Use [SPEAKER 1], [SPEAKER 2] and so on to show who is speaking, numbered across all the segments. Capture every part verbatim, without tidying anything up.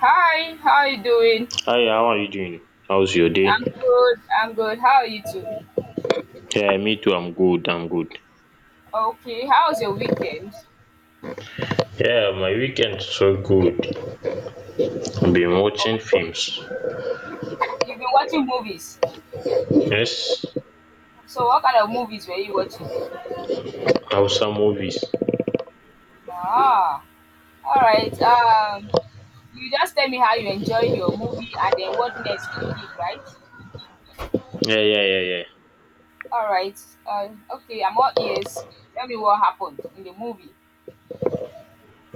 [SPEAKER 1] Hi, how are you doing?
[SPEAKER 2] Hi, how are you doing? How's your day?
[SPEAKER 1] I'm good. I'm good. How are you too?
[SPEAKER 2] Yeah, me too. I'm good. I'm good.
[SPEAKER 1] Okay, how was your weekend?
[SPEAKER 2] Yeah, my weekend so good. I've Been watching films.
[SPEAKER 1] You've been watching movies.
[SPEAKER 2] Yes,
[SPEAKER 1] So what kind of movies were you watching?
[SPEAKER 2] Hausa movies.
[SPEAKER 1] Ah, all right. Um, you just tell me how you enjoyed your movie and then what next you did, right?
[SPEAKER 2] Yeah, yeah, yeah, yeah.
[SPEAKER 1] All right. Uh, okay, I'm all ears. Tell me what happened in the movie.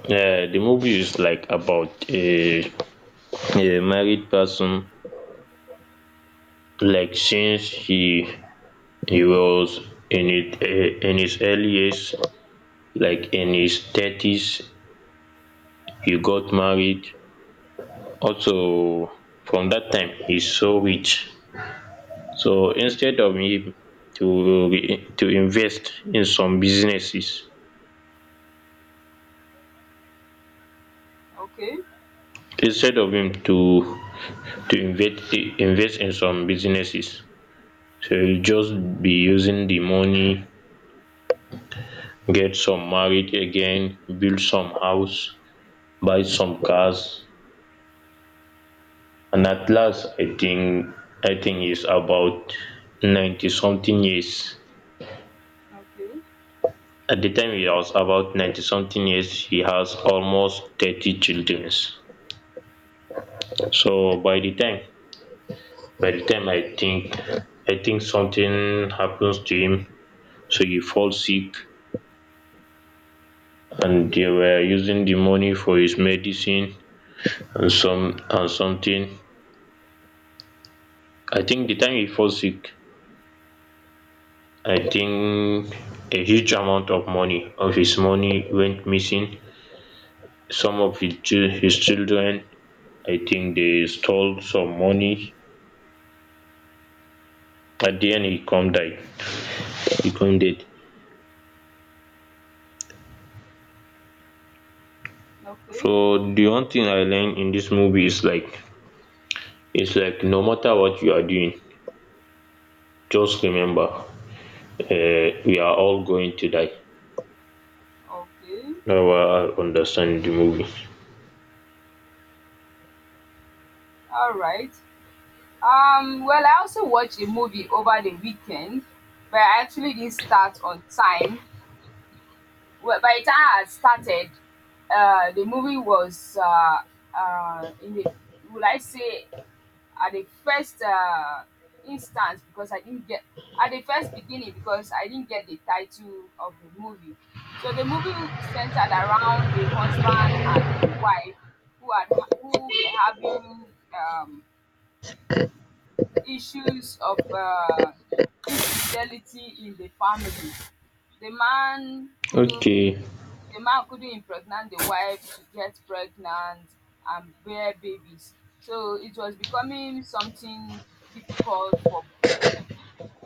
[SPEAKER 2] Yeah, the movie is like about a a married person. Like since he he was in it uh, in his early years, like in his thirties, he got married. Also, from that time, he's so rich. So instead of him to re- to invest in some businesses,
[SPEAKER 1] Okay,
[SPEAKER 2] instead of him to to invest invest in some businesses, so he'll just be using the money, get some married again, build some house, buy some cars, and at last I think I think he's about ninety something years.
[SPEAKER 1] okay,
[SPEAKER 2] At the time he was about ninety something years, he has almost thirty children. So by the time by the time I think, I think something happens to him. So he falls sick, and they
[SPEAKER 1] okay,
[SPEAKER 2] were using the money for his medicine and some and something. I think the time he falls sick, I think a huge amount of money of his money went missing. Some of his, chil- his children, I think they stole some money. At the end, he come die. He come dead.
[SPEAKER 1] okay,
[SPEAKER 2] So the one thing I learned in this movie is like it's like no matter what you are doing, just remember, uh, we are all going to die.
[SPEAKER 1] okay.
[SPEAKER 2] Now I understand the movie.
[SPEAKER 1] All right. Um, well, I also watched a movie over the weekend, but I actually didn't start on time. Well, by the time I had started, uh, the movie was uh, uh, in the, will I say, at the first uh, instance, because I didn't get at the first beginning because I didn't get the title of the movie. So the movie centered around a husband and a wife who had ha- who were having um, issues of uh, infidelity in the family. The man couldn't give,
[SPEAKER 2] Okay.
[SPEAKER 1] the man couldn't impregnate the wife to get pregnant and bear babies. So it was becoming something difficult for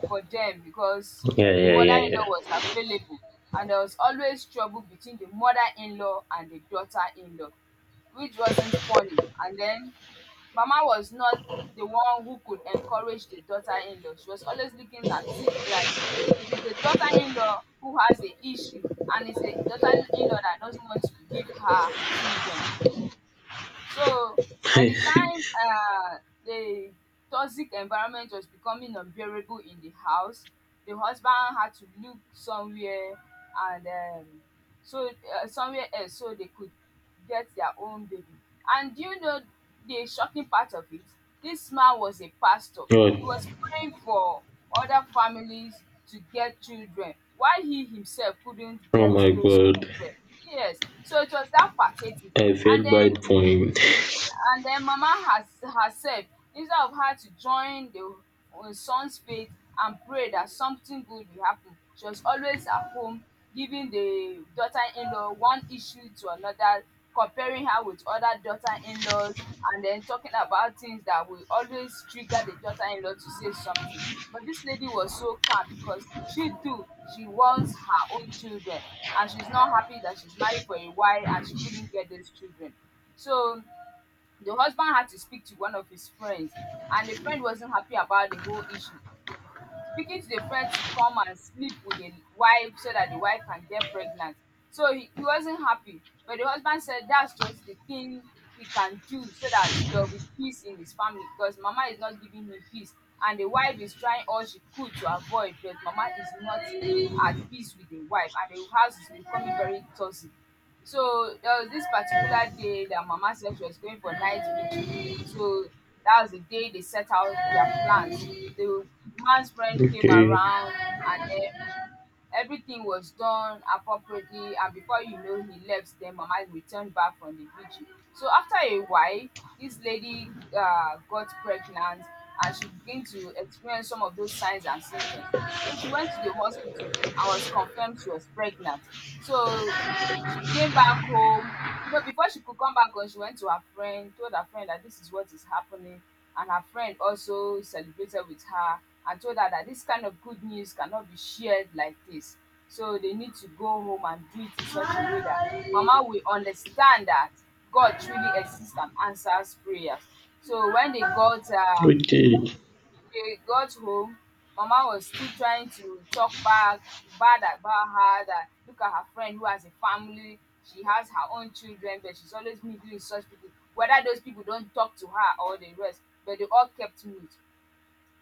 [SPEAKER 1] for them, because
[SPEAKER 2] Yeah,
[SPEAKER 1] the
[SPEAKER 2] yeah,
[SPEAKER 1] mother-in-law
[SPEAKER 2] yeah,
[SPEAKER 1] was available and there was always trouble between the mother-in-law and the daughter-in-law, which wasn't funny. And then mama was not the one who could encourage the daughter-in-law. She was always looking at it like it is the daughter-in-law who has the issue, and it's the daughter-in-law that doesn't want to give her children. So by the
[SPEAKER 2] yeah.
[SPEAKER 1] time uh, the toxic environment was becoming unbearable in the house, the husband had to look somewhere, and um, so uh, somewhere else so they could get their own baby. And do you know the shocking part of it? This man was a pastor. He
[SPEAKER 2] Oh.
[SPEAKER 1] was praying for other families to get children while he himself couldn't
[SPEAKER 2] Oh
[SPEAKER 1] get
[SPEAKER 2] my
[SPEAKER 1] those
[SPEAKER 2] god.
[SPEAKER 1] children. Yes. So it was that pathetic.
[SPEAKER 2] I
[SPEAKER 1] And
[SPEAKER 2] feel
[SPEAKER 1] then
[SPEAKER 2] bad for him.
[SPEAKER 1] and then Mama, has herself, instead of her to join the um son's faith and pray that something good will happen, she was always at home giving the daughter-in-law one issue to another, comparing her with other daughter-in-laws and then talking about things that will always trigger the daughter-in-law to say something. But this lady was so calm because she too, she wants her own children, and she's not happy that she's married for a while and she couldn't get those children. So the husband had to speak to one of his friends, and the friend wasn't happy about the whole issue. The- Speaking to the friend to come and sleep with the wife so that the wife can get pregnant. So he, he wasn't happy, but the husband said that's just the thing he can do so that there will be peace in his family, because mama is not giving him peace and the wife is trying all she could to avoid, but mama is not at peace with the wife and the house is becoming very toxic. So there was this particular day that Mama said she was going for night vigil. So that was the day they set out their plans. The man's friend came
[SPEAKER 2] Okay.
[SPEAKER 1] around, and then everything was done appropriately. And before you know, he left. Then Mama returned back from the vigil. So after a while, this lady uh, got pregnant and she began to experience some of those signs and symptoms. So she went to the hospital and was confirmed she was pregnant. So she came back home. No, before she could come back home, she went to her friend, told her friend that this is what is happening, and her friend also celebrated with her and told her that this kind of good news cannot be shared like this. So they need to go home and do it in such a way that Mama will understand that God truly exists and answers prayers. So when they got um
[SPEAKER 2] Okay.
[SPEAKER 1] they got home, mama was still trying to talk back, bad about her, that look at her friend who has a family, she has her own children but she's always mingling with such people, whether those people don't talk to her or the rest, but they all kept mute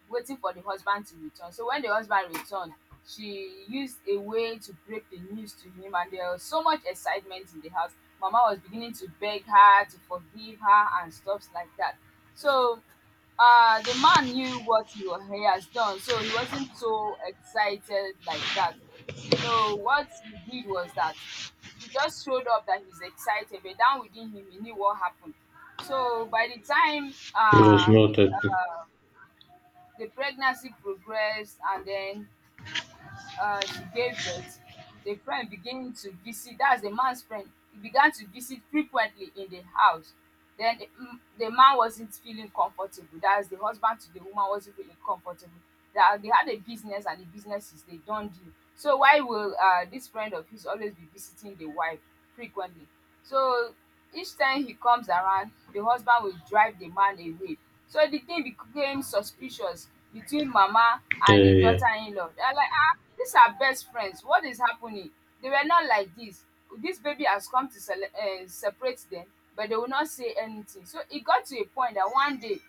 [SPEAKER 1] waiting for the husband to return. So when the husband returned, she used a way to break the news to him, and there was so much excitement in the house. Mama was beginning to beg her to forgive her and stuffs like that. So uh, the man knew what he, wa- he has done, so he wasn't so excited like that. So what he did was that he just showed up that he's excited, but down within him, he knew what happened. So by the time
[SPEAKER 2] It was
[SPEAKER 1] uh, he,
[SPEAKER 2] not that.
[SPEAKER 1] the pregnancy progressed and then uh, she gave birth. The friend began to visit, that's the man's friend, he began to visit frequently in the house. Then the, mm, the man wasn't feeling comfortable, that's the husband to the woman wasn't feeling comfortable. They, are- they had a business and the business is they don't do. So why will uh, this friend of his always be visiting the wife frequently? So each time he comes around, the husband will drive the man away. So the thing became suspicious between mama
[SPEAKER 2] Yeah,
[SPEAKER 1] and the
[SPEAKER 2] yeah, yeah.
[SPEAKER 1] daughter-in-law. They are like, ah, these are best friends. What is happening? They were not like this. This baby has come to sele- uh, separate them, but they will not say anything. So it got to a point that one day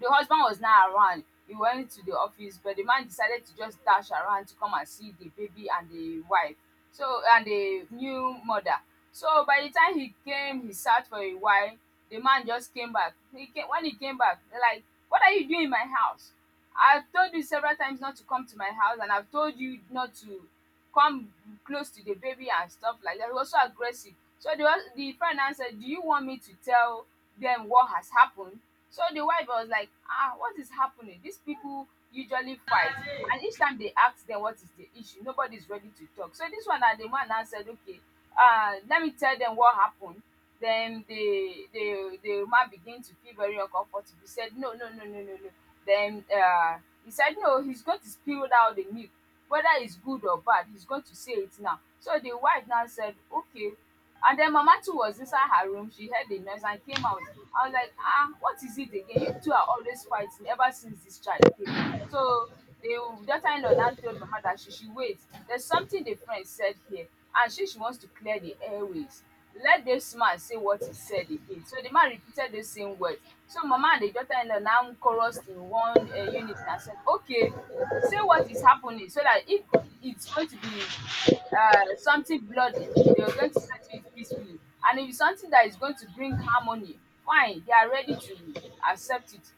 [SPEAKER 1] the husband was not around. He went to the office, but the man decided to just dash around to come and see the baby and the wife. So, and the new mother. So by the time he came, he sat for a while. The man just came back. He came When he came back, they're like, "What are you doing in my house? I've told you several times not to come to my house, and I've told you not to." Come close to the baby and stuff like that. He was so aggressive. So the hus- the friend now said, do you want me to tell them what has happened? So the wife was like, ah, what is happening? These people usually fight. And each time they ask them what is the issue, nobody is ready to talk. So this one na the man now said, okay, uh, let me tell them what happened. Then the the the man began to feel very uncomfortable. He said, no, no, no, no, no, no. Then uh, he said, no, he's going to spill out the milk, whether it's good or bad, he's going to say it now. So the wife now said, okay, and then mama too was inside her room, she heard the noise and came out. I was like, ah, what is it again? You two are always fighting ever since this child came. So the daughter-in-law now told mama that she should wait, there's something the friend said here, and she she wants to clear the airways. Let this man say what he said again. So the man repeated the same words, so mama and the daughter-in-law now chorused in one uh, unit and said, okay, say what is happening, so that if it's going to be uh, something bloody, they are going to settle it peacefully. And if it's something that is going to bring harmony, fine, they are ready to accept it.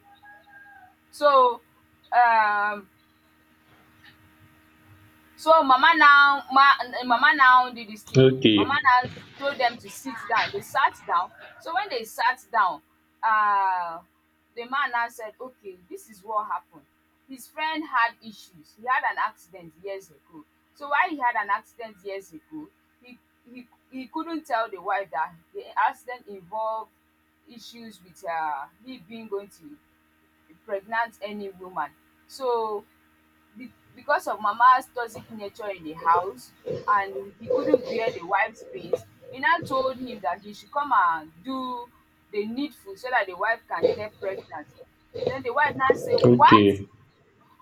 [SPEAKER 1] So, um, So mama now ma mama now did this thing. Mama
[SPEAKER 2] Okay.
[SPEAKER 1] now told them to sit down. They sat down. So when they sat down, uh, the man now said, okay, this is what happened. His friend had issues. He had an accident years ago. So while he had an accident years ago, he he, he couldn't tell the wife that the accident involved issues with uh, he being going to impregnate any woman. So be- because of Mama's toxic nature in the house, and he couldn't bear the wife's pains, he now told him that he should come and do the needful so that the wife can get pregnant. Then the wife now say, what?
[SPEAKER 2] Okay.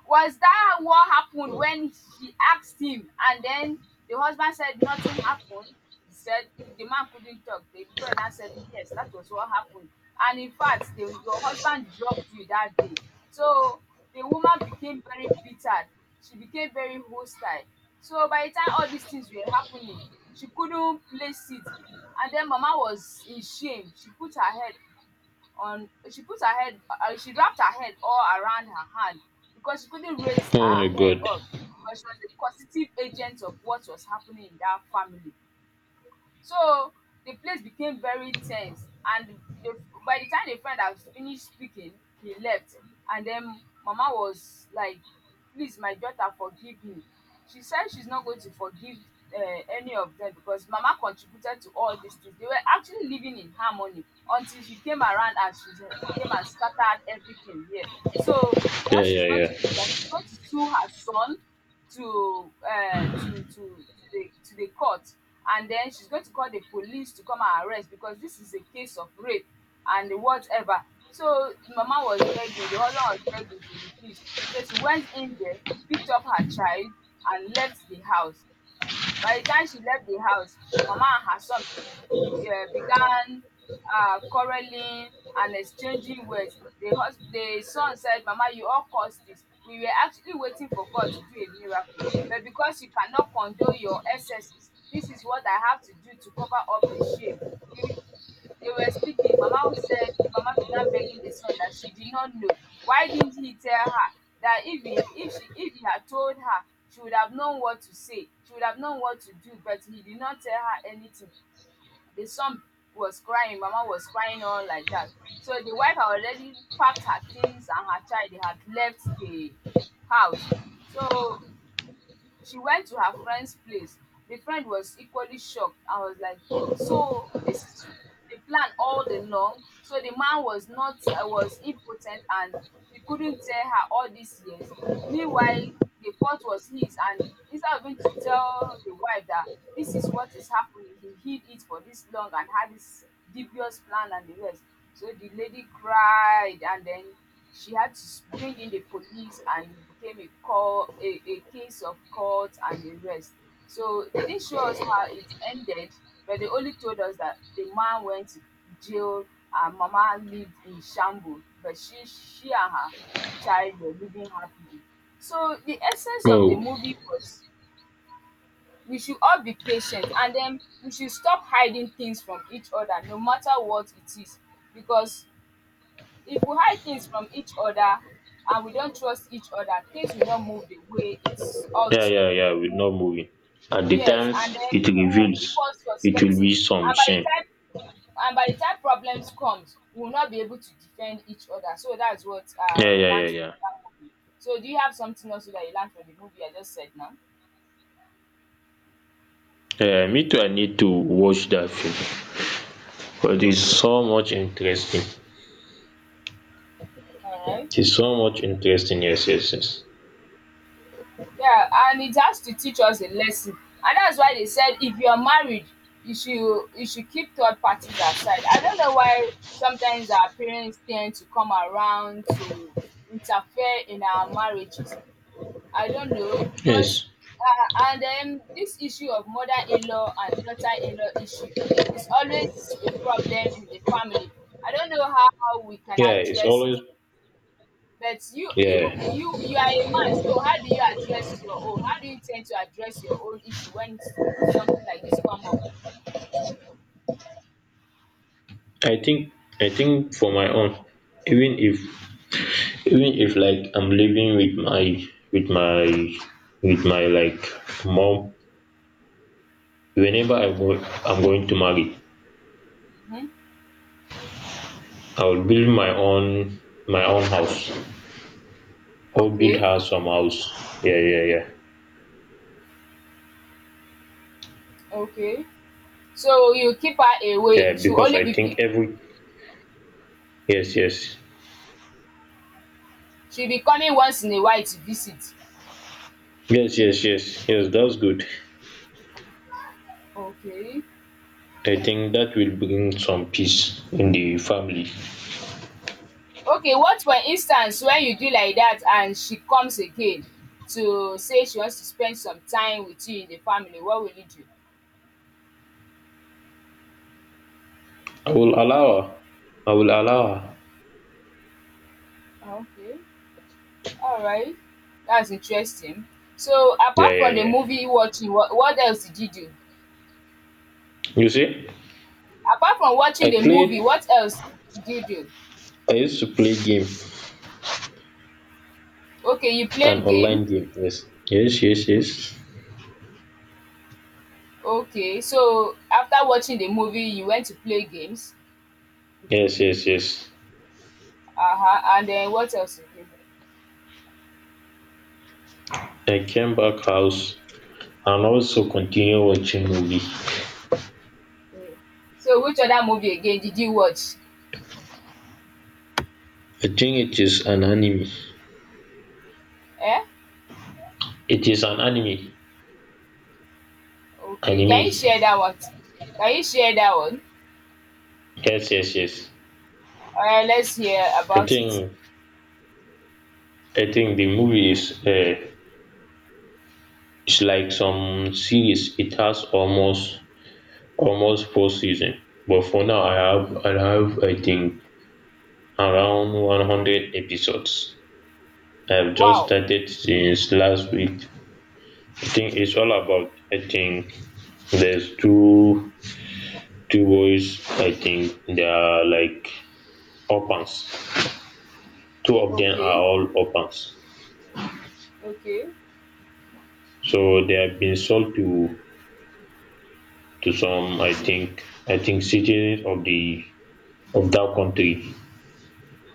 [SPEAKER 1] Was that what happened? When she asked him, and then the husband said nothing happened? He said the, the man couldn't talk. The friend now said, yes, that was what happened. And in fact, the, your husband drugged you that day. So the woman became very bitter. She became very hostile. So by the time all these things were happening, she couldn't place it. And then Mama was in shame. She put her head on she put her head uh, she wrapped her head all around her hand, because she couldn't raise
[SPEAKER 2] Oh my
[SPEAKER 1] her head
[SPEAKER 2] god.
[SPEAKER 1] up, because she was a positive agent of what was happening in that family. So the place became very tense, and the by the time the friend had finished speaking, he left, and then mama was like, please, my daughter, forgive me. She said she's not going to forgive um any of them because mama contributed to all these things. They were actually living in harmony until she came around and she came and scattered everything here. So
[SPEAKER 2] Yeah,
[SPEAKER 1] what she's
[SPEAKER 2] yeah,
[SPEAKER 1] going to
[SPEAKER 2] yeah.
[SPEAKER 1] do is that she's going to sue her son to um to to to the to the court, and then she's going to call the police to come and arrest because this is a case of rape and whatever. So mama was begging, the husband was begging, she refused. So she went in there, picked up her child, and left the house. By the time she left the house, Mama and her son be, uh, began uh, quarreling and exchanging words. The, hus- the son said, "Mama, you all caused this. We were actually waiting for God to do a miracle. But because you cannot condone your excesses, this is what I have to do to cover up the shame. You- they were speaking." Mama said, Mama began begging the son that she did not know. Why didn't he tell her? That if he, if she, if he had told her, she would have known what to say. She would have known what to do. But he did not tell her anything. The son was crying. Mama was crying all like that. So the wife had already packed her things and her child. They had left the house. So she went to her friend's place. The friend was equally shocked. I was like, "So this is the plan all the long." So the man was not uh, was impotent, and he couldn't tell her all these years. Meanwhile, the fault was his, and instead of him to tell the wife that this is what is happening, he hid it for this long and had this dubious plan and the rest. So the lady cried, and then she had to s- bring in the police, and it became a call a, a case of court and arrest. So they didn't show us how it ended, but they only told us that the man went to jail and mama lived in shambles, but she she and her child were living happily. So the essence of the
[SPEAKER 2] Oh.
[SPEAKER 1] movie was we should all be patient, and then we should stop hiding things from each other no matter what it is, because if we hide things from each other and we don't trust each other, things will not move the way it's ought
[SPEAKER 2] Yeah,
[SPEAKER 1] to.
[SPEAKER 2] yeah, yeah. We're not moving. At the
[SPEAKER 1] Yes, and
[SPEAKER 2] times
[SPEAKER 1] then
[SPEAKER 2] it
[SPEAKER 1] we will keep
[SPEAKER 2] reveals,
[SPEAKER 1] on
[SPEAKER 2] it will
[SPEAKER 1] suspecting.
[SPEAKER 2] be some
[SPEAKER 1] And by the
[SPEAKER 2] shame.
[SPEAKER 1] time and by the time problems comes, we will not be able to defend each other. So that's what
[SPEAKER 2] Yeah,
[SPEAKER 1] I
[SPEAKER 2] yeah, yeah,
[SPEAKER 1] learned from
[SPEAKER 2] yeah.
[SPEAKER 1] that movie. So do you have something also that you learned from the movie I just said now?
[SPEAKER 2] Yeah, me too, I need to watch that film because it's
[SPEAKER 1] Okay.
[SPEAKER 2] so much interesting.
[SPEAKER 1] All right.
[SPEAKER 2] It's so much interesting. Yes, yes, yes,
[SPEAKER 1] Yeah, and it has to teach us a lesson. And that's why they said if you're married, you should you should keep third parties aside. I don't know why sometimes our parents tend to come around to interfere in our marriages. I don't know because
[SPEAKER 2] yes.
[SPEAKER 1] uh, and then this issue of mother-in-law and daughter-in-law issue is always a problem in the family. I don't know how we can
[SPEAKER 2] Yeah, it's
[SPEAKER 1] address it.
[SPEAKER 2] always,
[SPEAKER 1] But you you
[SPEAKER 2] yeah.
[SPEAKER 1] you you are a man, so how do you address your own? How do you tend to address your own issue when s- something like this come up?
[SPEAKER 2] I think i think for my own, even if even if like I'm living with my with my with my like mom, whenever I go, I'm going to marry,
[SPEAKER 1] Hmm.
[SPEAKER 2] I will build my own my own house, or build
[SPEAKER 1] Okay,
[SPEAKER 2] her some house. Yeah, yeah, yeah,
[SPEAKER 1] okay. So you keep her
[SPEAKER 2] yeah,
[SPEAKER 1] away. She will
[SPEAKER 2] because
[SPEAKER 1] only
[SPEAKER 2] I
[SPEAKER 1] be
[SPEAKER 2] think
[SPEAKER 1] vi-
[SPEAKER 2] every, yes, yes.
[SPEAKER 1] she'll be coming once in a while to visit.
[SPEAKER 2] Yes, yes, yes. Yes, that's good.
[SPEAKER 1] Okay.
[SPEAKER 2] I think that will bring some peace in the family.
[SPEAKER 1] Okay, what for instance when you do like that and she comes again to say she wants to spend some time with you in the family, what will you do?
[SPEAKER 2] I will allow her. I will allow her.
[SPEAKER 1] Okay. All right. That's interesting. So,
[SPEAKER 2] Yeah,
[SPEAKER 1] apart
[SPEAKER 2] yeah,
[SPEAKER 1] from the
[SPEAKER 2] yeah.
[SPEAKER 1] movie watching, what, what else did you do?
[SPEAKER 2] You see,
[SPEAKER 1] Apart from
[SPEAKER 2] I
[SPEAKER 1] watching the
[SPEAKER 2] played,
[SPEAKER 1] movie, what else did you do?
[SPEAKER 2] I used to play game,
[SPEAKER 1] Okay, you
[SPEAKER 2] an
[SPEAKER 1] played game.
[SPEAKER 2] online game. Yes, yes, yes, yes.
[SPEAKER 1] Okay. So, after watching the movie, you went to play games.
[SPEAKER 2] Yes, yes, yes.
[SPEAKER 1] Uh-huh. And then what else again?
[SPEAKER 2] I came back house and also continue watching movie.
[SPEAKER 1] Mm. So, which other movie again did you watch?
[SPEAKER 2] I think it is an anime.
[SPEAKER 1] Eh?
[SPEAKER 2] It is an anime.
[SPEAKER 1] Okay. Can you
[SPEAKER 2] Anime.
[SPEAKER 1] share that one? Can you share that one?
[SPEAKER 2] Yes, yes, yes.
[SPEAKER 1] All right, let's hear
[SPEAKER 2] I
[SPEAKER 1] about it.
[SPEAKER 2] think I think the movie is uh, it's like some series, it has almost almost four season, but for now I have I have I think around one hundred episodes. I've just
[SPEAKER 1] Wow.
[SPEAKER 2] started since last week. I think it's all about I think there's two two boys, I think they are like orphans. Two of them are
[SPEAKER 1] Okay.
[SPEAKER 2] all orphans.
[SPEAKER 1] Okay.
[SPEAKER 2] So they have been sold to to some I think I think citizens of the of that country.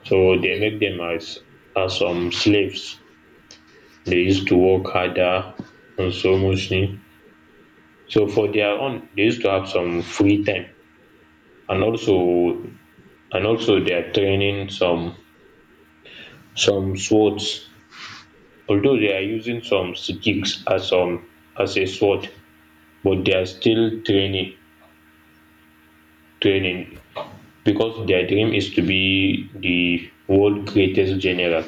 [SPEAKER 2] So they
[SPEAKER 1] Okay.
[SPEAKER 2] make them as as um slaves. They used to work harder and so much thing. So for their own, they used to have some free time, and also and also they are training some some swords. Although they are using some sticks as um as a sword, but they are still training training because their dream is to be the world greatest general.